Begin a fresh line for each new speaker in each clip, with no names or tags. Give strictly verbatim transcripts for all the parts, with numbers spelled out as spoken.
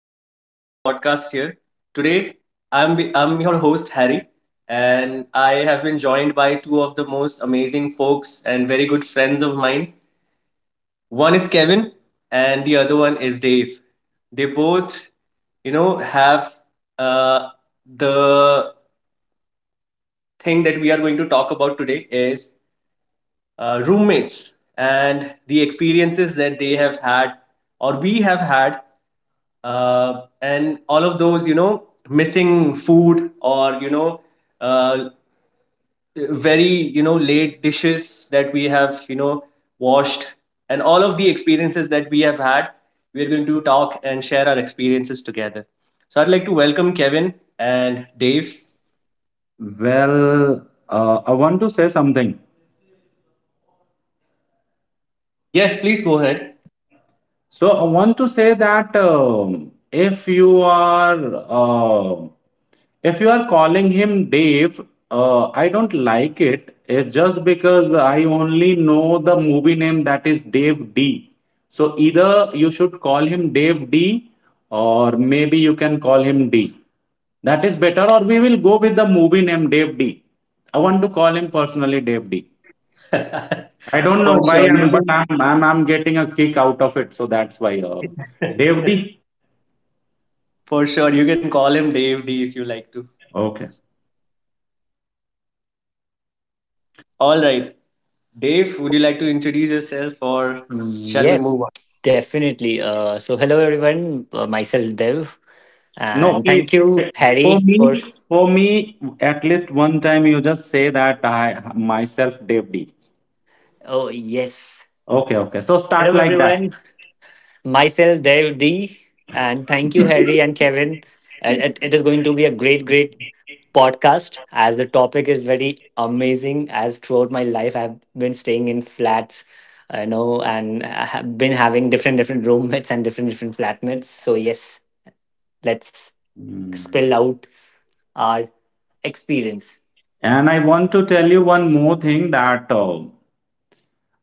here. Today I'm I'm your host Harry and I have been joined by two of the most amazing folks and very good friends of mine. One is Kevin and the other one is Dave. They both, you know, have uh, the thing that we are going to talk about today is uh, roommates and the experiences that they have had or we have had, uh, and all of those you know missing food or you know uh, very you know late dishes that we have you know washed and all of the experiences that we have had. We're going to talk and share our experiences together, so I'd like to welcome Kevin and Dave.
Well, uh, I want to say something.
Yes, please go ahead.
So I want to say that um, if you are uh, if you are calling him Dave, uh, I don't like it. It's just because I only know the movie name that is Dave D. So either you should call him Dave D, or maybe you can call him D. That is better, or we will go with the movie name Dave D. I want to call him personally Dave D. I don't know
For
why,
sure
I'm,
you
but
can.
I'm, I'm I'm getting a kick out of it, so that's why. Uh, Devdi.
For sure you can call him Dave D if you like to.
Okay.
All right, Dave, would
oh,
you like to introduce yourself or shall we
Yes,
move on?
definitely. Uh, so, hello everyone. Uh, myself Dev,
no,
and
please.
thank you
For
Harry for.
me, for me, at least one time you just say that I myself Devdi.
Oh yes.
Okay, okay. So start
Hello
like that.
everyone. Myself Dev D, and thank you Harry and Kevin. Uh, It, it is going to be a great, great podcast as the topic is very amazing. As throughout my life, I've been staying in flats, you know, and I have been having different, different roommates and different, different flatmates. So yes, let's
Hmm.
spill out our experience
And I want to tell you one more thing that uh,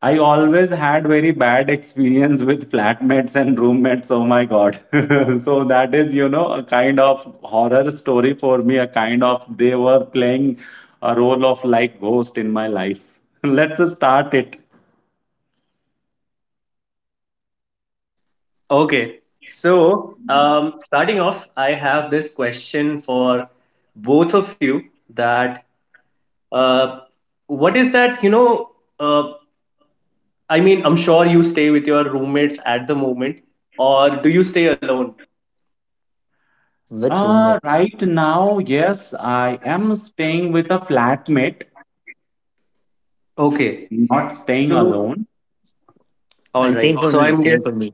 I always had very bad experience with flatmates and roommates. Oh my God. so that is, you know, a kind of horror story for me, a kind of they were playing a role of like ghost in my life. Let's start it.
Okay, so um, starting off, I have this question for both of you that uh, what is that, you know, uh, I mean, I'm sure you stay with your roommates at the moment, or do you stay alone?
with
Uh,
roommates.
right now, yes, I am staying with a flatmate,
Okay,
not staying
so
alone.
all
And same for
right, so
me,
I'm
same
guess
for me.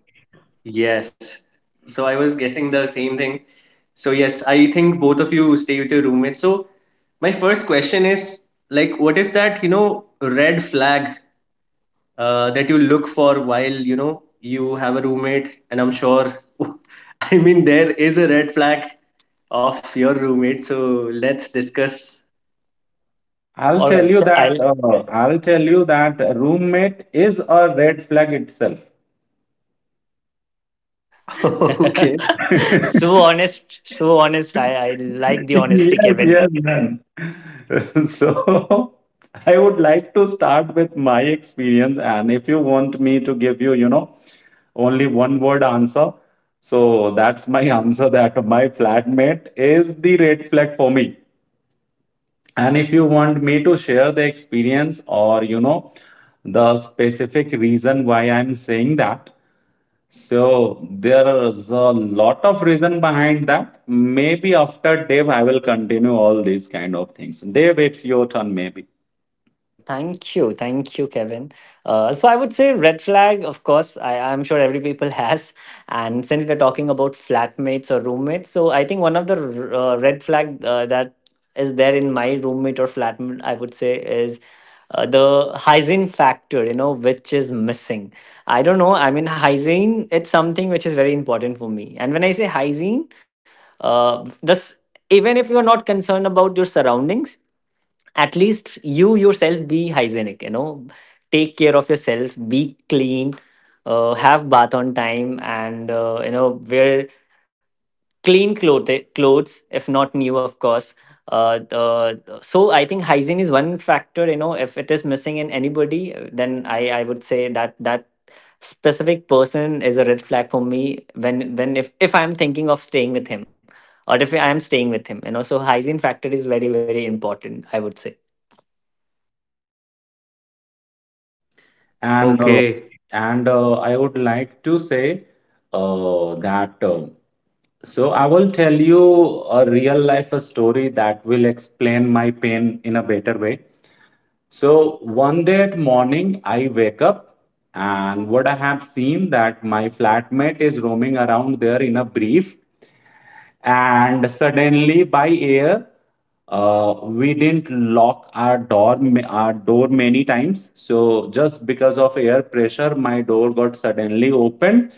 yes, so I was guessing the same thing. So yes, I think both of you stay with your roommates. So my first question is like, what is that, you know, red flag uh, that you look for while you know you have a roommate? And I'm sure i mean there is a red flag of your roommate, so let's discuss.
I'll
All
tell
right,
you
so
that
I'll
uh, I'll tell you that roommate is a red flag itself.
Okay,
so honest, so honest. I, I like the honesty,
Yes,
Kevin.
yes, man. So I would like to start with my experience, and if you want me to give you, you know, only one word answer, so that's my answer that my flatmate is the red flag for me. And if you want me to share the experience or, you know, the specific reason why I'm saying that, so there is a lot of reason behind that. Maybe after Dave, I will continue all these kind of things. Dave, it's your turn, maybe.
Sure. Thank you. Thank you, Kevin. Uh, so I would say red flag, of course, I, I'm sure every people has. And since we're talking about flatmates or roommates, so I think one of the r- uh, red flag uh, that is there in my roommate or flatmate, I would say, is uh, the hygiene factor, you know, which is missing. I don't know. I mean, hygiene, it's something which is very important for me. And when I say hygiene, uh, this, even if you're not concerned about your surroundings, at least you yourself be hygienic, you know, take care of yourself, be clean, uh, have bath on time, and uh, you know, wear clean clothes. Clothes, if not new, of course. Uh, uh, so I think hygiene is one factor, you know, if it is missing in anybody, then i i would say that that specific person is a red flag for me when when if if I'm thinking of staying with him or if I'm staying with him, you know. So hygiene factor is very, very important, I would say.
And uh,
okay,
and uh, I would like to say uh, that. Uh, so I will tell you a real life story that will explain my pain in a better way. So one day at morning, I wake up, and what I have seen that my flatmate is roaming around there in a brief. And suddenly by air, uh, we didn't lock our door ma- our door many times, so just because of air pressure my door got suddenly opened,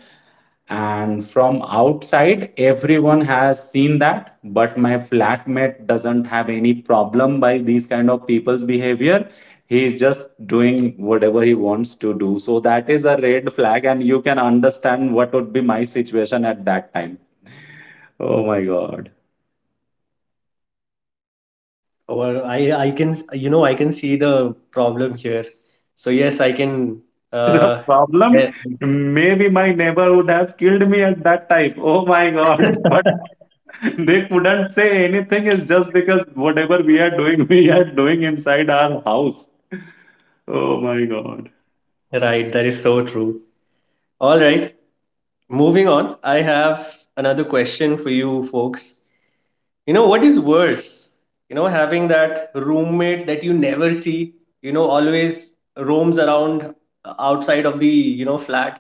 and from outside everyone has seen that. But my flatmate doesn't have any problem by these kind of people's behavior. He is just doing whatever he wants to do, so that is a red flag. And you can understand what would be my situation at that time. Oh my God.
well, i i can, you know I can see the problem here. So yes, I can.
This is a
uh
problem.
yeah,
Maybe my neighbor would have killed me at that time. Oh my God. But they couldn't say anything. It's just because whatever we are doing, we are doing inside our house. Oh my God.
right, that is so true. All right, moving on, I have another question for you folks. You know, what is worse? You know, having that roommate that you never see, you know, always roams around, uh, outside of the, you know, flat?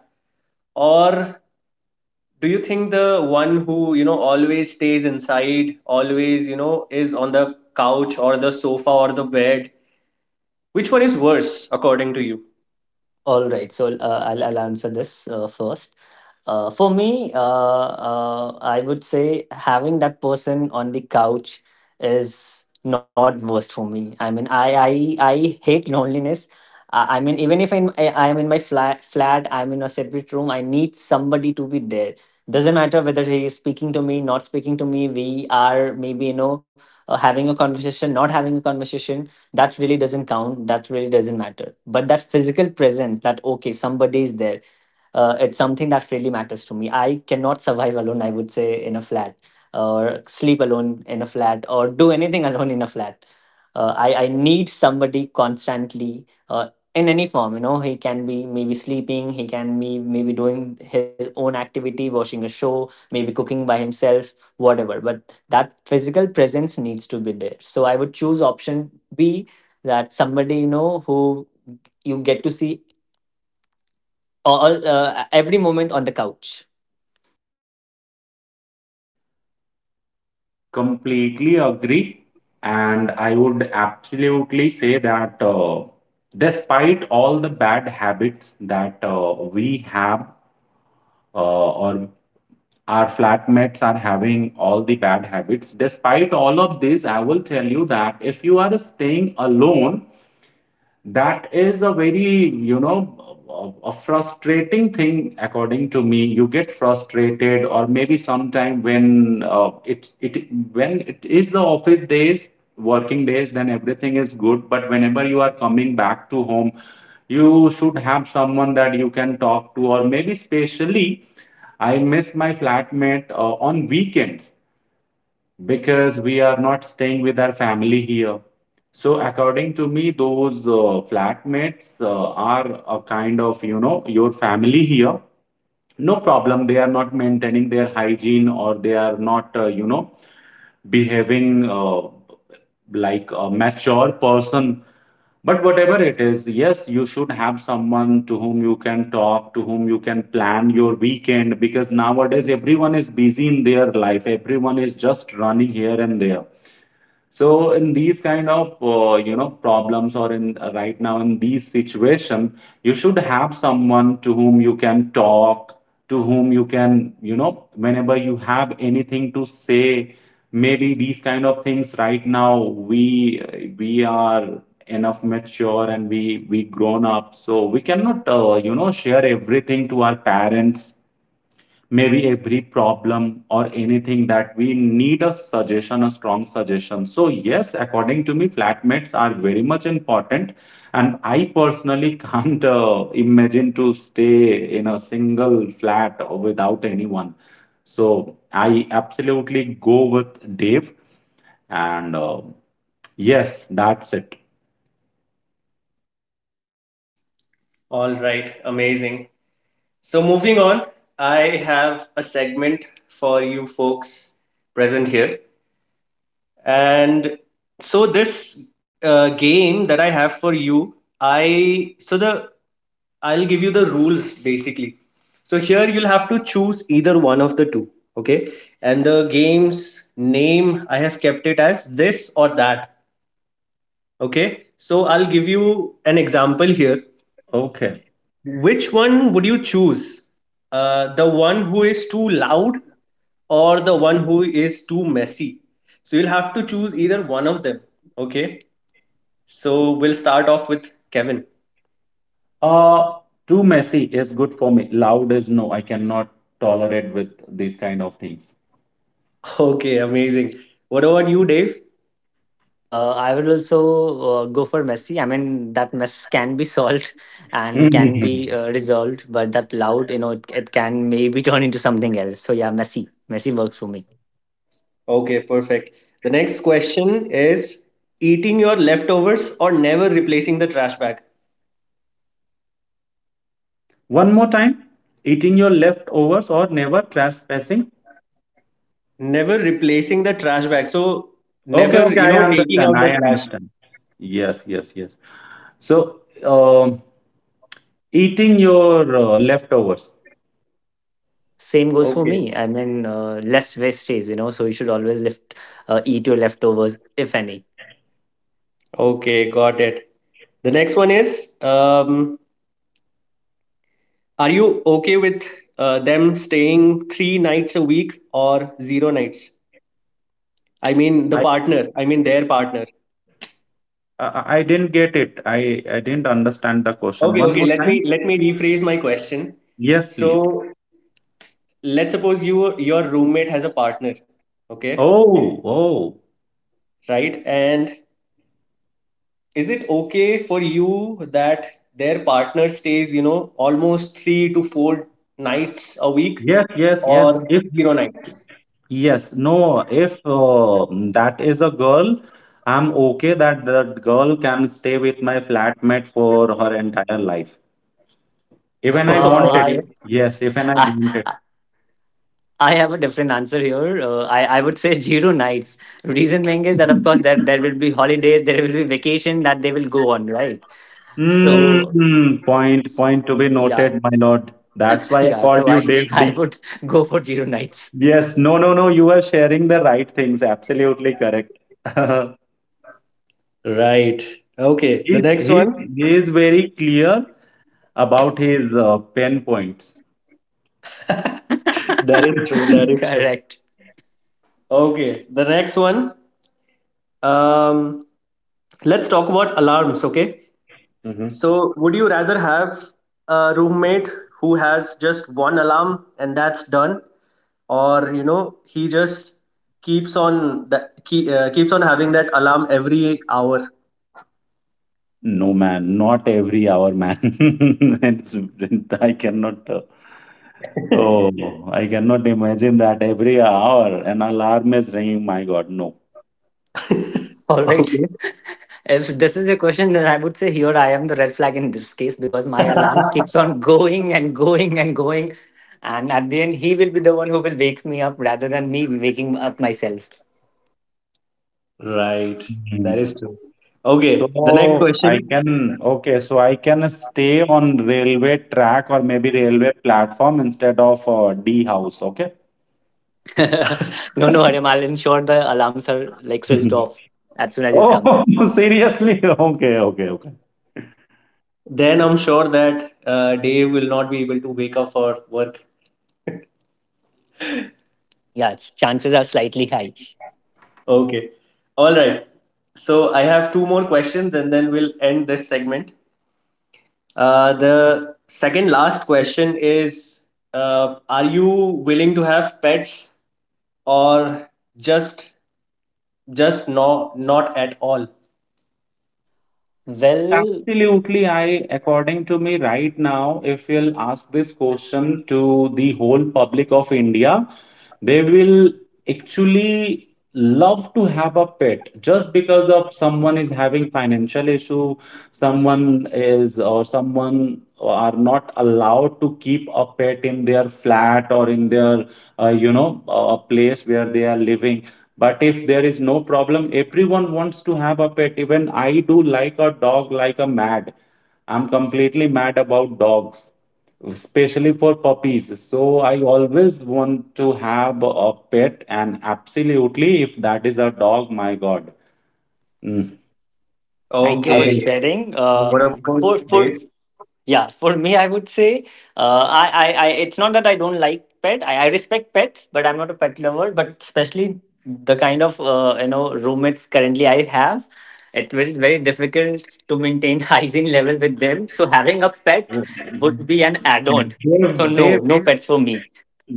Or do you think the one who, you know, always stays inside, always, you know, is on the couch or the sofa or the bed? Which one is worse, according to you?
All right, so uh, I'll I'll answer this uh, first. Uh, for me, uh, uh, I would say having that person on the couch is not worst for me. I mean, I I I hate loneliness. I, I mean, even if I'm, I I am in my flat flat, I'm in a separate room. I need somebody to be there. Doesn't matter whether he is speaking to me, not speaking to me. We are maybe, you know, uh, having a conversation, not having a conversation. That really doesn't count, that really doesn't matter, but that physical presence, that okay, somebody is there, uh, it's something that really matters to me. I cannot survive alone, I would say, in a flat, or sleep alone in a flat, or do anything alone in a flat. Uh, I, I need somebody constantly uh, in any form, you know. He can be maybe sleeping, he can be maybe doing his own activity, watching a show, maybe cooking by himself, whatever, but that physical presence needs to be there. So I would choose option B, that somebody, you know, who you get to see all uh, every moment on the couch.
Completely agree. And I would absolutely say that uh, despite all the bad habits that uh, we have, uh, or our flatmates are having all the bad habits, despite all of this, I will tell you that if you are staying alone, that is a very, you know, a, a frustrating thing, according to me. You get frustrated, or maybe sometime when uh, it it when it is the office days, working days, then everything is good. But whenever you are coming back to home, you should have someone that you can talk to, or maybe specially, I miss my flatmate uh, on weekends because we are not staying with our family here. So according to me, those uh, flatmates uh, are a kind of, you know, your family here. No problem, they are not maintaining their hygiene, or they are not, uh, you know, behaving uh, like a mature person. But whatever it is, yes, you should have someone to whom you can talk, to whom you can plan your weekend, because nowadays everyone is busy in their life. Everyone is just running here and there. So in these kind of uh, you know problems, or in uh, right now in these situation, you should have someone to whom you can talk, to whom you can you know whenever you have anything to say. Maybe these kind of things right now we we are enough mature, and we we grown up, so we cannot uh, you know share everything to our parents, maybe a brief problem or anything that we need a suggestion, a strong suggestion. So, yes, according to me, flatmates are very much important. And I personally can't uh, imagine to stay in a single flat without anyone. So, I absolutely go with Dave. And uh, yes, that's it.
All right, amazing. So moving on, I have a segment for you folks present here. And so this uh, game that I have for you, I so the I'll give you the rules basically. So here you'll have to choose either one of the two, okay? And the game's name, I have kept it as this or that, okay? So I'll give you an example here.
Okay.
Which one would you choose? Uh, the one who is too loud or the one who is too messy? So you'll have to choose either one of them. Okay. So we'll start off with Kevin.
Uh, Too messy is good for me. Loud is no. I cannot tolerate with these kind of things.
Okay, amazing. What about you, Dave?
Uh, I would also uh, go for Messi. I mean, that mess can be solved and can be uh, resolved, but that loud, you know, it, it can maybe turn into something else. So yeah, Messi, Messi works for me.
Okay, perfect. The next question is eating your leftovers or never replacing the trash bag?
One more time, eating your leftovers or never trespassing.
Never replacing the trash bag. So
Okay,
never,
okay,
you
I
know, taking
understand.
out the
I
trash.
understand. Yes, yes, yes. So, um, eating your uh, leftovers.
Same goes for
Okay.
me. I mean, uh, less wastage, you know. So you should always left, uh, eat your leftovers if any.
Okay, got it. The next one is, um, are you okay with uh, them staying three nights a week or zero nights? I mean the
I,
partner, I mean their partner.
I I didn't get it. I I didn't understand the question.
Okay,
One
okay,
more
let
time.
me let me rephrase my question.
Yes, please.
So let's suppose you, your roommate has a partner, okay,
Oh, oh.
right? And is it okay for you that their partner stays, you know, almost three to four nights a week
Yes, yes, yes.
or
If
zero nights?
yes, no. If uh, that is a girl, I'm okay that that girl can stay with my flatmate for her entire life. Even I
Uh,
want it.
I,
Okay.
Yes, even I
I
want it.
I have a different answer here. Uh, I, I would say zero nights. Reason being is that, of course, there, there will be holidays, there will be vacation that they will go on, right?
Right.
So,
Mm, point,
s-
point to be
yeah,
noted, my lord. That's why I
yeah.
called
So
you
I,
Dave
I
D.
would go for zero nights.
Yes, no, no, no. You are sharing the right things. Absolutely correct.
Right. Okay. The
He
next one.
he he is very clear about his uh, pen points.
That is true. That is true.
Correct.
Okay. The next one. Um, let's talk about alarms. Okay.
Mhm.
So, would you rather have a roommate who has just one alarm and that's done, or you know he just keeps on that keep, uh, keeps on having that alarm every hour?
No, man, not every hour, man. It's, I cannot. Uh, oh, I cannot imagine that every hour an alarm is ringing. My God, no.
All right.
Okay.
If this is the question, then I would say here I am the red flag in this case because my alarms keeps on going and going and going. And at the end, he will be the one who will wakes me up rather than me waking up myself.
Right. That is
Mm.
true. Okay. The next
So I
question.
can, okay, so I can stay on railway track, or maybe railway platform, instead of uh, D house, okay?
No, no, Harim, I'll ensure the alarms are like switched off as soon as you
Oh,
come.
seriously? Okay, okay, okay.
Then I'm sure that uh, Dave will not be able to wake up for work.
Yeah, it's, chances are slightly high.
Okay. All right. So I have two more questions and then we'll end this segment. Uh, the second last question is uh, are you willing to have pets or just just no, not at all?
No,
Well,
absolutely. I, according to me, right now, if you'll ask this question to the whole public of India, they will actually love to have a pet. Just because of someone is having financial issue someone is or someone are not allowed to keep a pet in their flat, or in their uh, you know a place where they are living. But if there is no problem, everyone wants to have a pet. Even i do, like a dog, like a mad. I'm completely mad about dogs, especially for puppies. So I always want to have a pet, and absolutely, if that is a dog, my God. Mm.
thank you
I
for
will-
Okay.
sharing.
What
Uh,
about
for
Dave?
for yeah, for me, I would say uh, I, I I it's not that I don't like pet. I, I respect pets, but I'm not a pet lover. But especially the kind of uh, you know roommates currently I have, it is very difficult to maintain hygiene level with them. So having a pet would be an add-on. So
Dave,
no,
Dave,
no pets for me.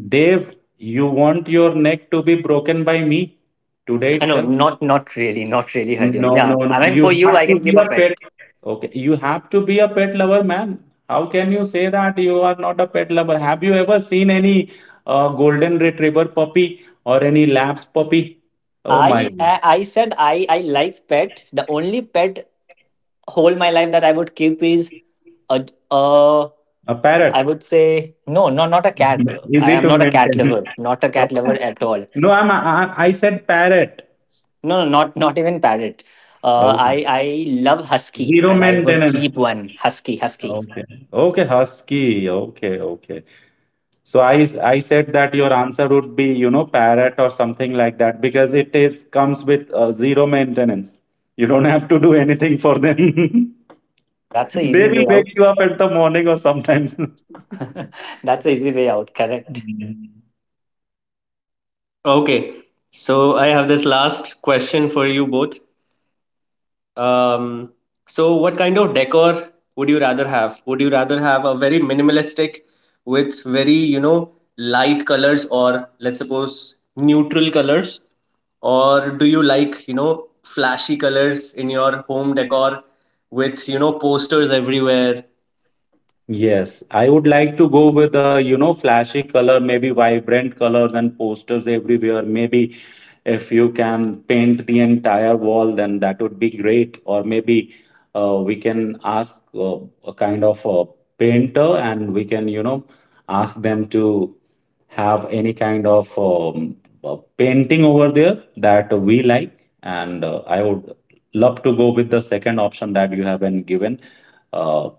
Dave, you want your neck to be broken by me today
I know,
itself?
not not really, not really, Hariom.
No, no,
Yeah,
no.
I mean, for
You
you,
have
I
to
can
be
keep a
a
pet.
pet. Okay, you have to be a pet lover, man. How can you say that you are not a pet lover? Have you ever seen any uh, golden retriever puppy or any labs puppy? Oh my,
I
God.
I I said I I like pet. The only pet whole my life that I would keep is a uh
a
I
parrot.
would say no, no, not a cat. I
Easy
am
to
not a cat
maintain.
lover, not a cat lover at all.
No, I'm, I, I said parrot.
No, no, not not even parrot. Uh,
Okay.
I I love husky,
Zero
and I would
maintenance.
keep one husky, husky.
Okay. Okay, husky. Okay, okay. So I I said that your answer would be, you know, parrot or something like that, because it is comes with uh, zero maintenance. You don't have to do anything for them.
Yeah, that's a
They
easy
will
way
wake
out.
you up at the morning or sometimes.
That's a easy way out. Correct.
Okay. So I have this last question for you both. Um, so what kind of decor would you rather have? Would you rather have a very minimalistic with very, you know, light colors, or let's suppose neutral colors? Or do you like, you know, flashy colors in your home decor with, you know, posters everywhere?
Yes, I would like to go with a, you know, flashy color, maybe vibrant colors and posters everywhere. Maybe if you can paint the entire wall, then that would be great. Or maybe uh, we can ask uh, a kind of a painter, and we can, you know, ask them to have any kind of um, uh, painting over there that we like. And uh, I would love to go with the second option that you have been given. Uh,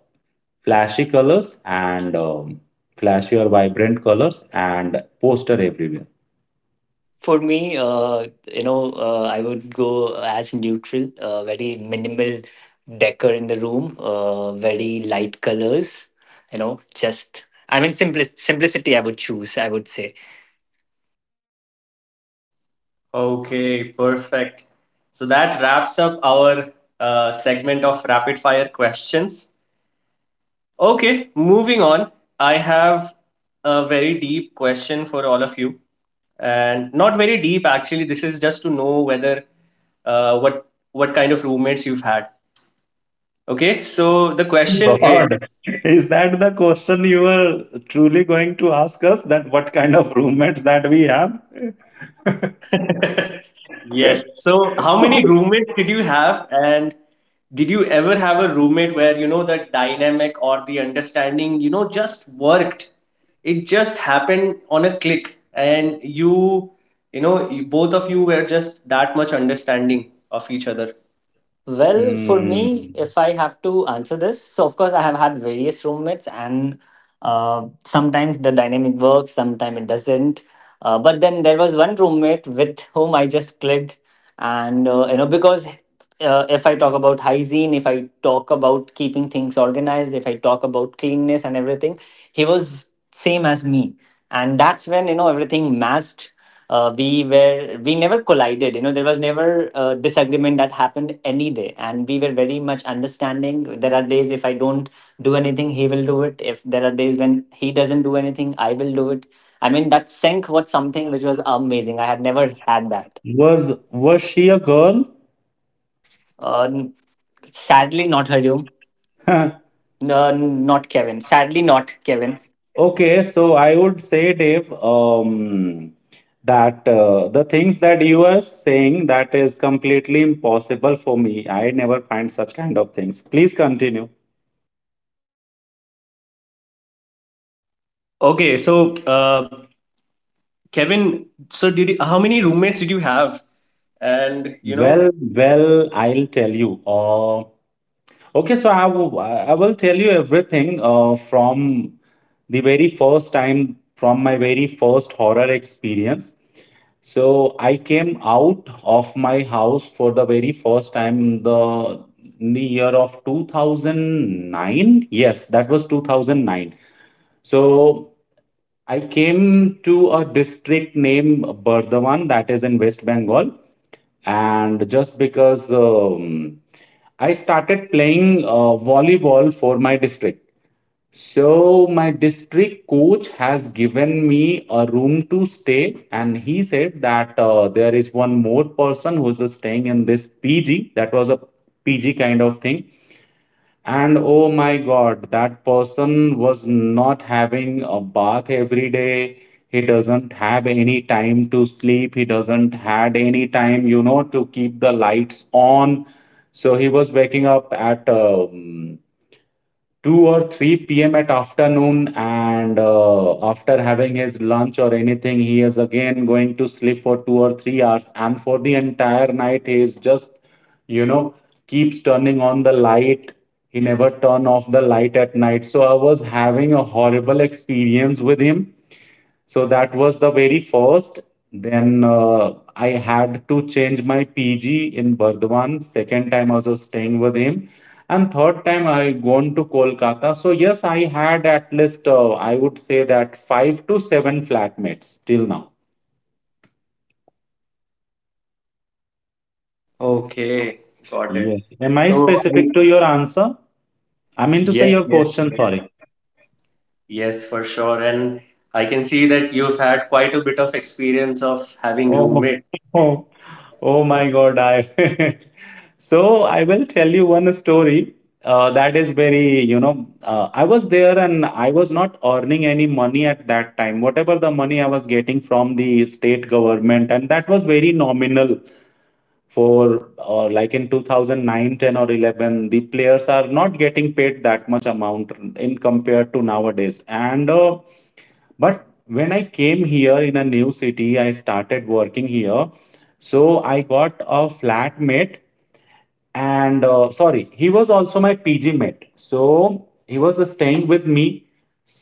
Flashy colors and um, flashy or vibrant colors and poster everywhere.
For me, uh, you know, uh, I would go as neutral, uh, very minimal decor in the room, uh, very light colors, you know, just, I mean, simpli- simplicity I would choose, I would say.
Okay, perfect. So that wraps up our uh, segment of rapid fire questions. Okay, moving on. I have a very deep question for all of you, and not very deep actually. This is just to know whether uh, what what kind of roommates you've had. Okay, so the
My
question is
God, is that the question you were truly going to ask us? That what kind of roommates that we have?
Yes. So, how many roommates did you have? And did you ever have a roommate where, you know, the dynamic or the understanding, you know, just worked? It just happened on a click. And you, you know, you, both of you were just that much understanding of each other.
Well, for
Mm,
me, if I have to answer this, so of course I have had various roommates, and uh, sometimes the dynamic works, sometimes it doesn't. Uh, but then there was one roommate with whom I just clicked, and uh, you know, because uh, if I talk about hygiene, if I talk about keeping things organized, if I talk about cleanness and everything, he was same as me, and that's when, you know, everything matched. Uh, we were we never collided, you know, there was never a disagreement that happened any day, and we were very much understanding. There are days if I don't do anything he will do it, if there are days when he doesn't do anything I will do it. I mean that sync was something which was amazing. I had never had that.
was was she a girl?
uh, Sadly not, Harium. No, not Kevin. Sadly, not Kevin.
Okay, so I would say, Dave, um, that uh, the things that you are saying, that is completely impossible for me. I never find such kind of things. Please continue.
Okay. So, uh, Kevin, so did you, how many roommates did you have? And, you know,
Well, well, I'll tell you. Uh, okay, so I will I will tell you everything uh, from the very first time, from my very first horror experience. So I came out of my house for the very first time in the in the year of two thousand nine. Yes, that was two thousand nine. So I came to a district named Bardhaman, that is in West Bengal, and just because um, I started playing uh, volleyball for my district. So my district coach has given me a room to stay, and he said that uh, there is one more person who is staying in this P G. That was a P G kind of thing, and oh my God, that person was not having a bath every day. He doesn't have any time to sleep. He doesn't had any time, you know, to keep the lights on. So he was waking up at um, two or three p m At afternoon, and uh, after having his lunch or anything, he is again going to sleep for two or three hours. And for the entire night, he is just, you know, keeps turning on the light. He never turn off the light at night. So I was having a horrible experience with him, so that was the very first. Then uh, I had to change my P G in Burdwan. Second time I was staying with him. And third time I gone to Kolkata. So yes, I had at least uh, I would say that five to seven flatmates till now.
okay, got it.
Yes. Am I
So, I,
specific to your answer? I mean to say
yes,
your
yes.
question, sorry.
Yes, for sure. And I can see that you've had quite a bit of experience of having
Oh,
roommate.
oh, oh my God, I so I will tell you one story uh, that is very, you know, uh, I was there and I was not earning any money at that time. Whatever the money I was getting from the state government, and that was very nominal for uh, like in two thousand nine, ten or eleven, the players are not getting paid that much amount in compared to nowadays. And uh, but when I came here in a new city, I started working here. So I got a flatmate and uh, sorry, he was also my PG mate, so he was uh, staying with me,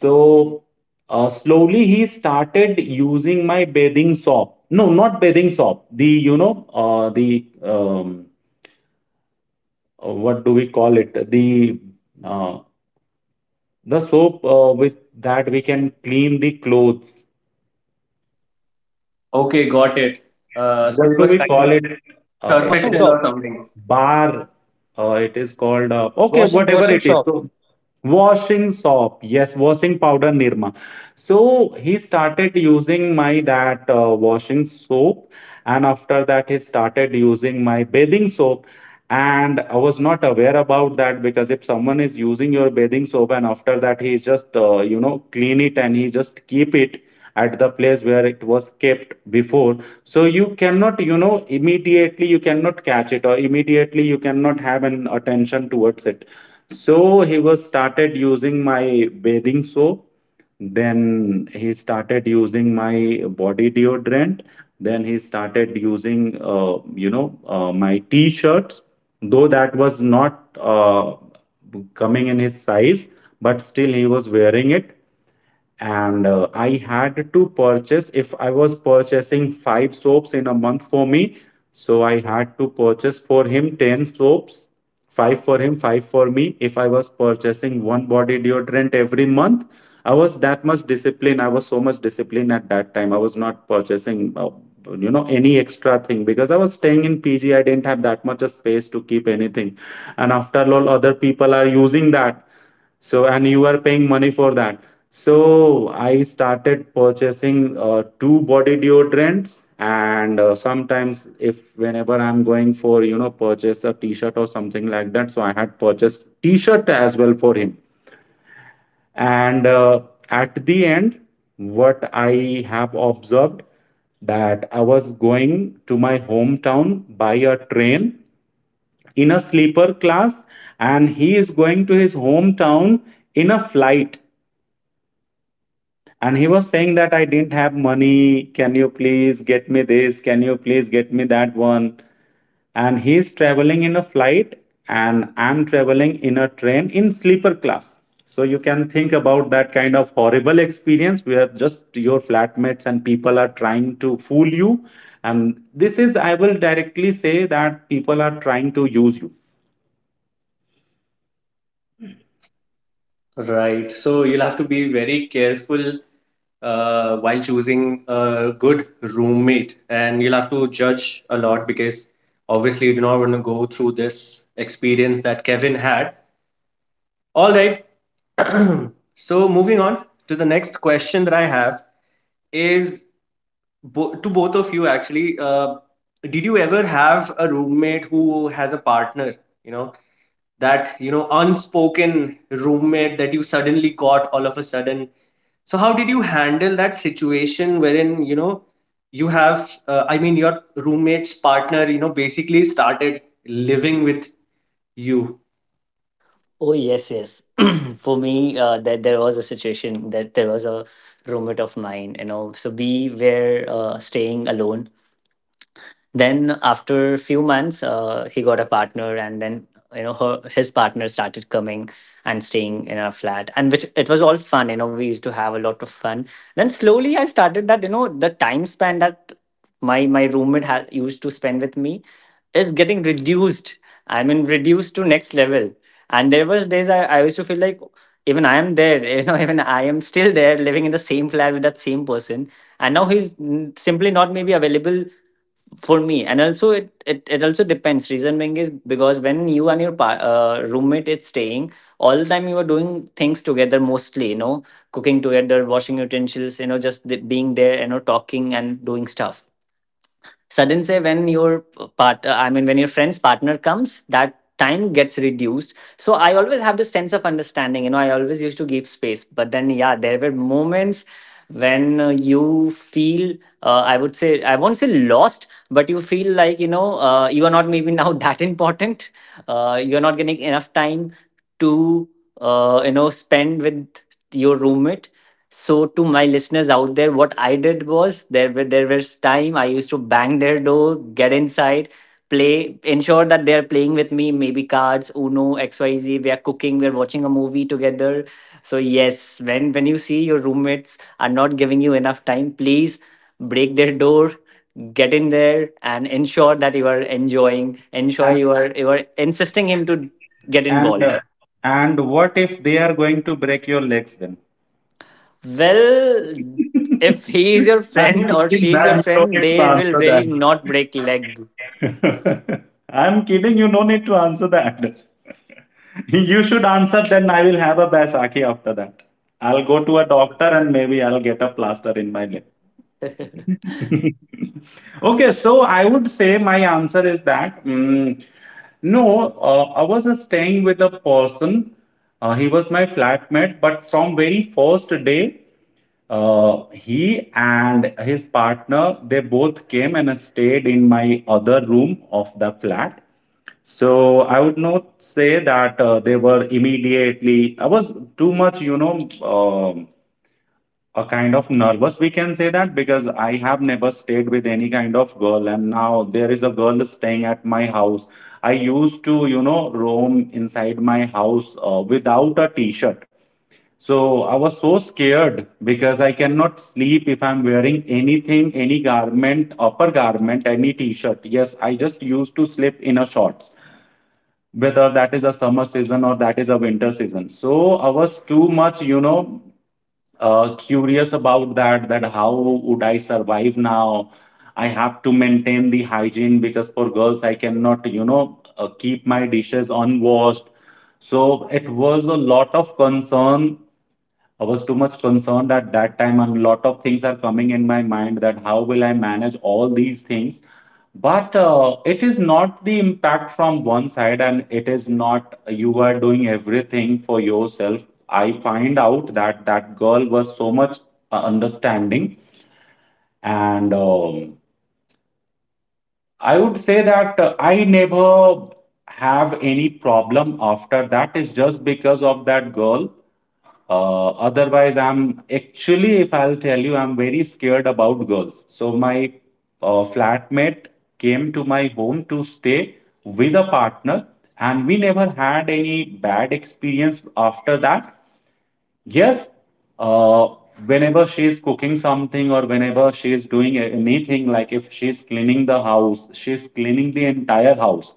so uh, slowly he started using my bathing soap. No, not bathing soap, the, you know, uh, the um, uh, what do we call it, the uh, the soap uh, with that we can clean the clothes,
Okay, got it. Uh, so
what
it
do
was
we
kind
call
of
it, uh,
surf
it
Washing
is
excel or
shop.
something.
bar, uh, it is called, uh, okay,
Washing
whatever
washing
it is.
shop.
So, washing soap, yes, washing powder Nirma. So, he started using my that uh, washing soap, and after that, he started using my bathing soap, and I was not aware about that, because if someone is using your bathing soap and after that he just uh, you know, clean it and he just keep it at the place where it was kept before, so you cannot, you know, immediately you cannot catch it or immediately you cannot have an attention towards it. So he was started using my bathing soap, then he started using my body deodorant. Then he started using, uh, you know, uh, my t-shirts, though that was not uh, coming in his size, but still he was wearing it. And uh, I had to purchase, if I was purchasing five soaps in a month for me, so I had to purchase for him ten soaps, five for him, five for me. If I was purchasing one body deodorant every month, I was that much disciplined. I was so much disciplined at that time. I was not purchasing Uh, you know, any extra thing, because I was staying in PG, I didn't have that much of space to keep anything, and after all other people are using that, so, and you are paying money for that. So, I started purchasing uh, two body deodorants, and uh, sometimes, if whenever I'm going for, you know, purchase a t-shirt or something like that, so I had purchased t-shirt as well for him. And uh, at the end, what I have observed that I was going to my hometown by a train in a sleeper class, and he is going to his hometown in a flight. And he was saying that I didn't have money. Can you please get me this? Can you please get me that one? And he's traveling in a flight, and I'm traveling in a train in sleeper class. So you can think about that kind of horrible experience where just your flatmates and people are trying to fool you. And this is, I will directly say that people are trying to use you.
Right. So you'll have to be very careful uh, while choosing a good roommate, and you'll have to judge a lot, because obviously you do not want to go through this experience that Kevin had. All right. So moving on to the next question that I have is bo- to both of you actually, uh, did you ever have a roommate who has a partner, you know, that, you know, unspoken roommate that you suddenly got all of a sudden? So how did you handle that situation wherein, you know, you have, uh, I mean your roommate's partner, you know, basically started living with you?
Oh yes, yes. For me, uh, that there was a situation that there was a roommate of mine. You know, so we were uh, staying alone. Then after a few months, uh, he got a partner, and then you know her his partner started coming and staying in our flat, and which it was all fun. You know, we used to have a lot of fun. Then slowly, I started that, you know, the time span that my my roommate had used to spend with me is getting reduced. I mean, reduced to next level. And there was days I, I used to feel like even I am there, you know, even I am still there living in the same flat with that same person. And now he's n- simply not maybe available for me. And also it, it it also depends. Reason being is because when you and your pa- uh, roommate is staying all the time, you are doing things together mostly, you know, cooking together, washing utensils, you know, just the being there, you know, talking and doing stuff. Sudden say when your part uh, I mean when your friend's partner comes, that time gets reduced. So I always have this sense of understanding, you know, I always used to give space, but then yeah, there were moments when uh, you feel, uh, I would say I won't say lost, but you feel like, you know, uh, you are not maybe now that important, uh, you're not getting enough time to uh, you know spend with your roommate. So to my listeners out there, what I did was there were there was time I used to bang their door, get inside, play, ensure that they are playing with me, maybe cards, Uno, X Y Z. We are cooking, we are watching a movie together. So yes, when when you see your roommates are not giving you enough time, please break their door, get in there, and ensure that you are enjoying, ensure
And
you are you are insisting him to get
and
involved.
uh, and what if they are going to break your legs then?
Well, if he is your
I'm
friend or
kidding,
she is your
man. You don't
friend,
need to
they will
answer
really not break leg.
that. I'm kidding. You don't need to answer that. You should answer, then I will have a baisakhi after that. I'll go to a doctor and maybe I'll get a plaster in my leg. Okay, so I would say my answer is that mm, no, uh, I was uh, staying with a person. Uh, he was my flatmate, but from very first day, uh, he and his partner, they both came and stayed in my other room of the flat. So I would not say that uh, they were immediately. I was too much, you know, um, a kind of nervous, we can say that, because I have never stayed with any kind of girl, and now there is a girl staying at my house. I used to, you know, roam inside my house uh, without a t-shirt, so I was so scared because I cannot sleep if I'm wearing anything, any garment, upper garment, any t-shirt. Yes, I just used to sleep in a shorts, whether that is a summer season or that is a winter season. So I was too much, you know, uh, curious about that, that how would I survive now. I have to maintain the hygiene, because for girls I cannot, you know, uh, keep my dishes unwashed. So it was a lot of concern, I was too much concerned at that time, and a lot of things are coming in my mind, that how will I manage all these things. But uh, it is not the impact from one side, and it is not you are doing everything for yourself. I find out that that girl was so much uh, understanding, and um, I would say that uh, I never have any problem after that, is just because of that girl, uh, otherwise, I'm actually, if I'll tell you, I'm very scared about girls. So my uh, flatmate came to my home to stay with a partner, and we never had any bad experience after that. Yes, uh, whenever she is cooking something or whenever she is doing a- anything, like if she is cleaning the house, she is cleaning the entire house.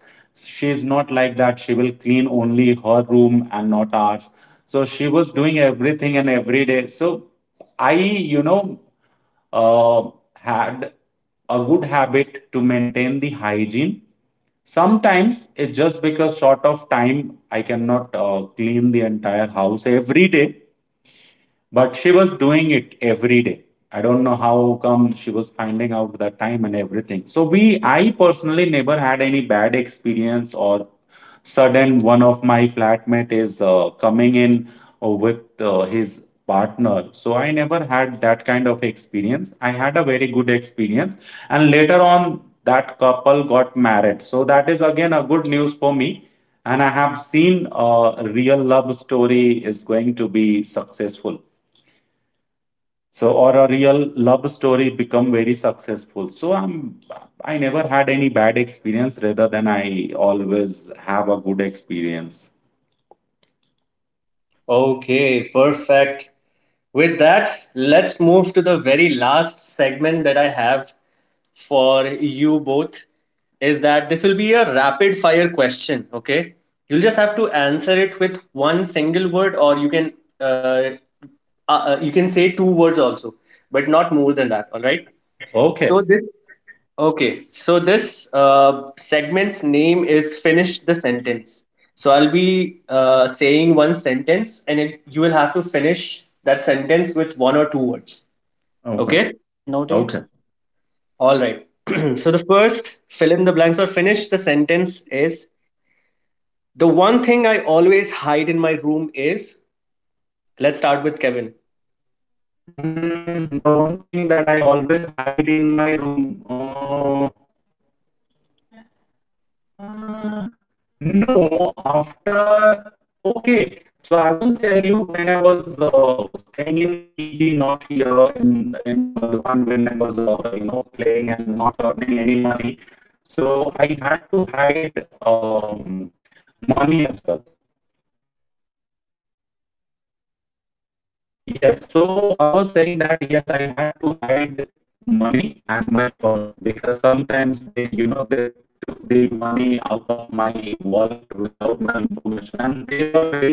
She is not like that she will clean only her room and not ours. So she was doing everything and every day. So I, you know, uh, had a good habit to maintain the hygiene. Sometimes it's just because short of time, I cannot uh, clean the entire house every day. But she was doing it every day. I don't know how come she was finding out the time and everything. So we, I personally never had any bad experience or sudden one of my flatmate is uh, coming in uh, with uh, his partner. So I never had that kind of experience. I had a very good experience, and later on that couple got married. So that is again a good news for me. And I have seen a real love story is going to be successful. So, or a real love story become very successful. So I'm I never had any bad experience, rather than I always have a good experience.
Okay, perfect. With that, let's move to the very last segment that I have for you both. Is that this will be a rapid fire question, okay? You'll just have to answer it with one single word, or you can uh, uh, uh, you can say two words also, but not more than that. All right?
Okay.
So this okay. So this uh, segment's name is finish the sentence. So I'll be uh, saying one sentence, and it, you will have to finish that sentence with one or two words.
Okay.
Okay.
That's noted.
Okay.
All right. So the first fill in the blanks or finish the sentence is the one thing I always hide in my room is. Let's start with Kevin.
Mm, the one thing that I always hide in my room. Uh, Uh, no, after. Okay, so I will tell you when I was uh, staying in P G, not here in in Burdwan, when I was uh, you know, playing and not earning any money. So I had to hide um, money as well. Yes, so I was saying that yes, I had to hide money and my purse, because sometimes they, you know, they took the money out of my wallet without my information, and they were very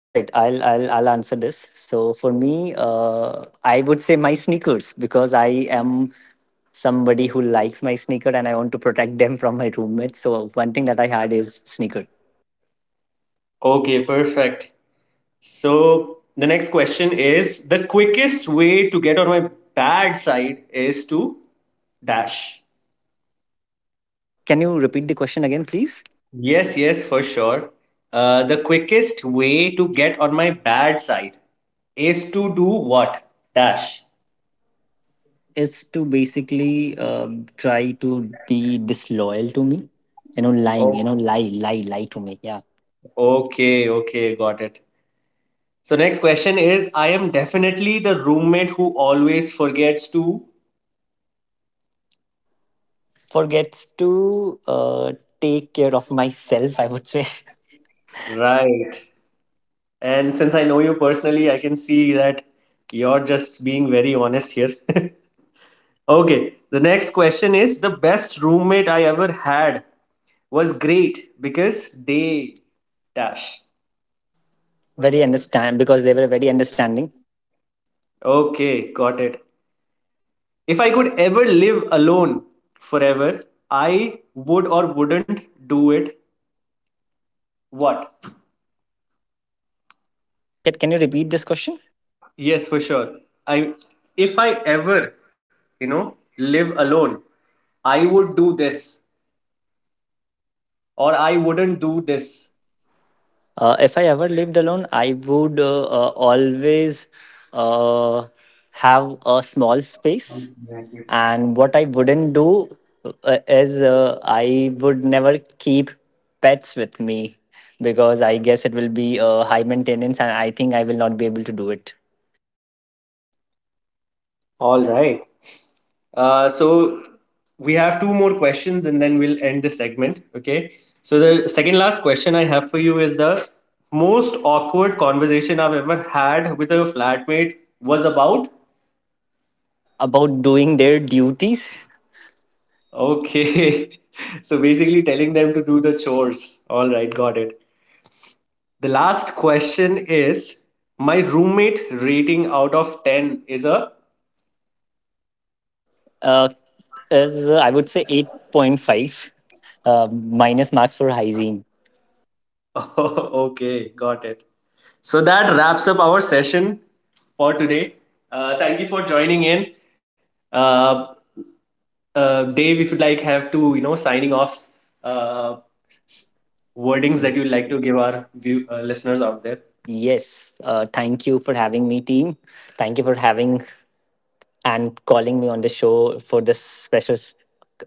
All right, I'll I'll I'll answer this. So for me, uh, I would say my sneakers because I am somebody who likes my sneaker and I want to protect them from my roommates. So one thing that I had is sneaker.
Okay, perfect. So the next question is the quickest way to get on my bad side is to dash.
Can you repeat the question again, please?
Yes, yes, for sure. Uh, the quickest way to get on my bad side is to do what? Dash.
Is to basically um, try to be disloyal to me. You know, lying. You
Oh,
know, lie, lie, lie to me. Yeah,
okay, okay, got it. So next question is I am definitely the roommate who always forgets to
forgets to uh, take care of myself, I would say.
write. And since I know you personally, I can see that you're just being very honest here. Okay, the next question is the best roommate I ever had was great because they dash.
Very understand because they were very understanding.
Okay, got it. If I could ever live alone forever, I would or wouldn't do it. What?
Can, can you repeat this question?
Yes, for sure. I, if I ever, you know, live alone, I would do this or I wouldn't do this.
Uh, if I ever lived alone, I would uh, uh, always uh, have a small space. And what I wouldn't do uh, is uh, I would never keep pets with me because I guess it will be uh, high maintenance and I think I will not be able to do it.
All right. Uh, so we have two more questions and then we'll end this segment. Okay. So the second last question I have for you is the most awkward conversation I've ever had with a flatmate was about.
About doing their duties,
Okay. So basically telling them to do the chores. All right. Got it. The last question is my roommate rating out of ten is a
uh, is uh, I would say eight point five uh, minus marks for hygiene.
Okay, got it. So that wraps up our session for today. Uh, thank you for joining in. Uh, uh, Dave, if you'd like, have to, you know, signing off uh, wordings that you'd like to give our view, uh, listeners out there.
Yes. Uh, thank you for having me, team. Thank you for having and calling me on the show for this special s-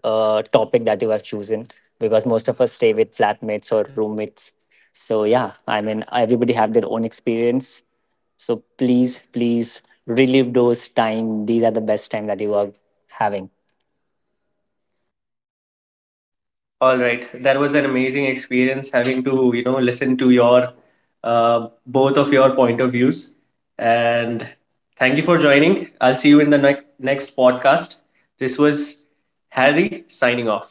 uh, topic that you have chosen because most of us stay with flatmates or roommates. So, yeah, I mean, everybody have their own experience. So, please, please relive those time. These are the best time that you are having.
All right, that was an amazing experience having to, you know, listen to your uh, both of your point of views. And thank you for joining. I'll see you in the ne- next podcast. This was Harry signing off.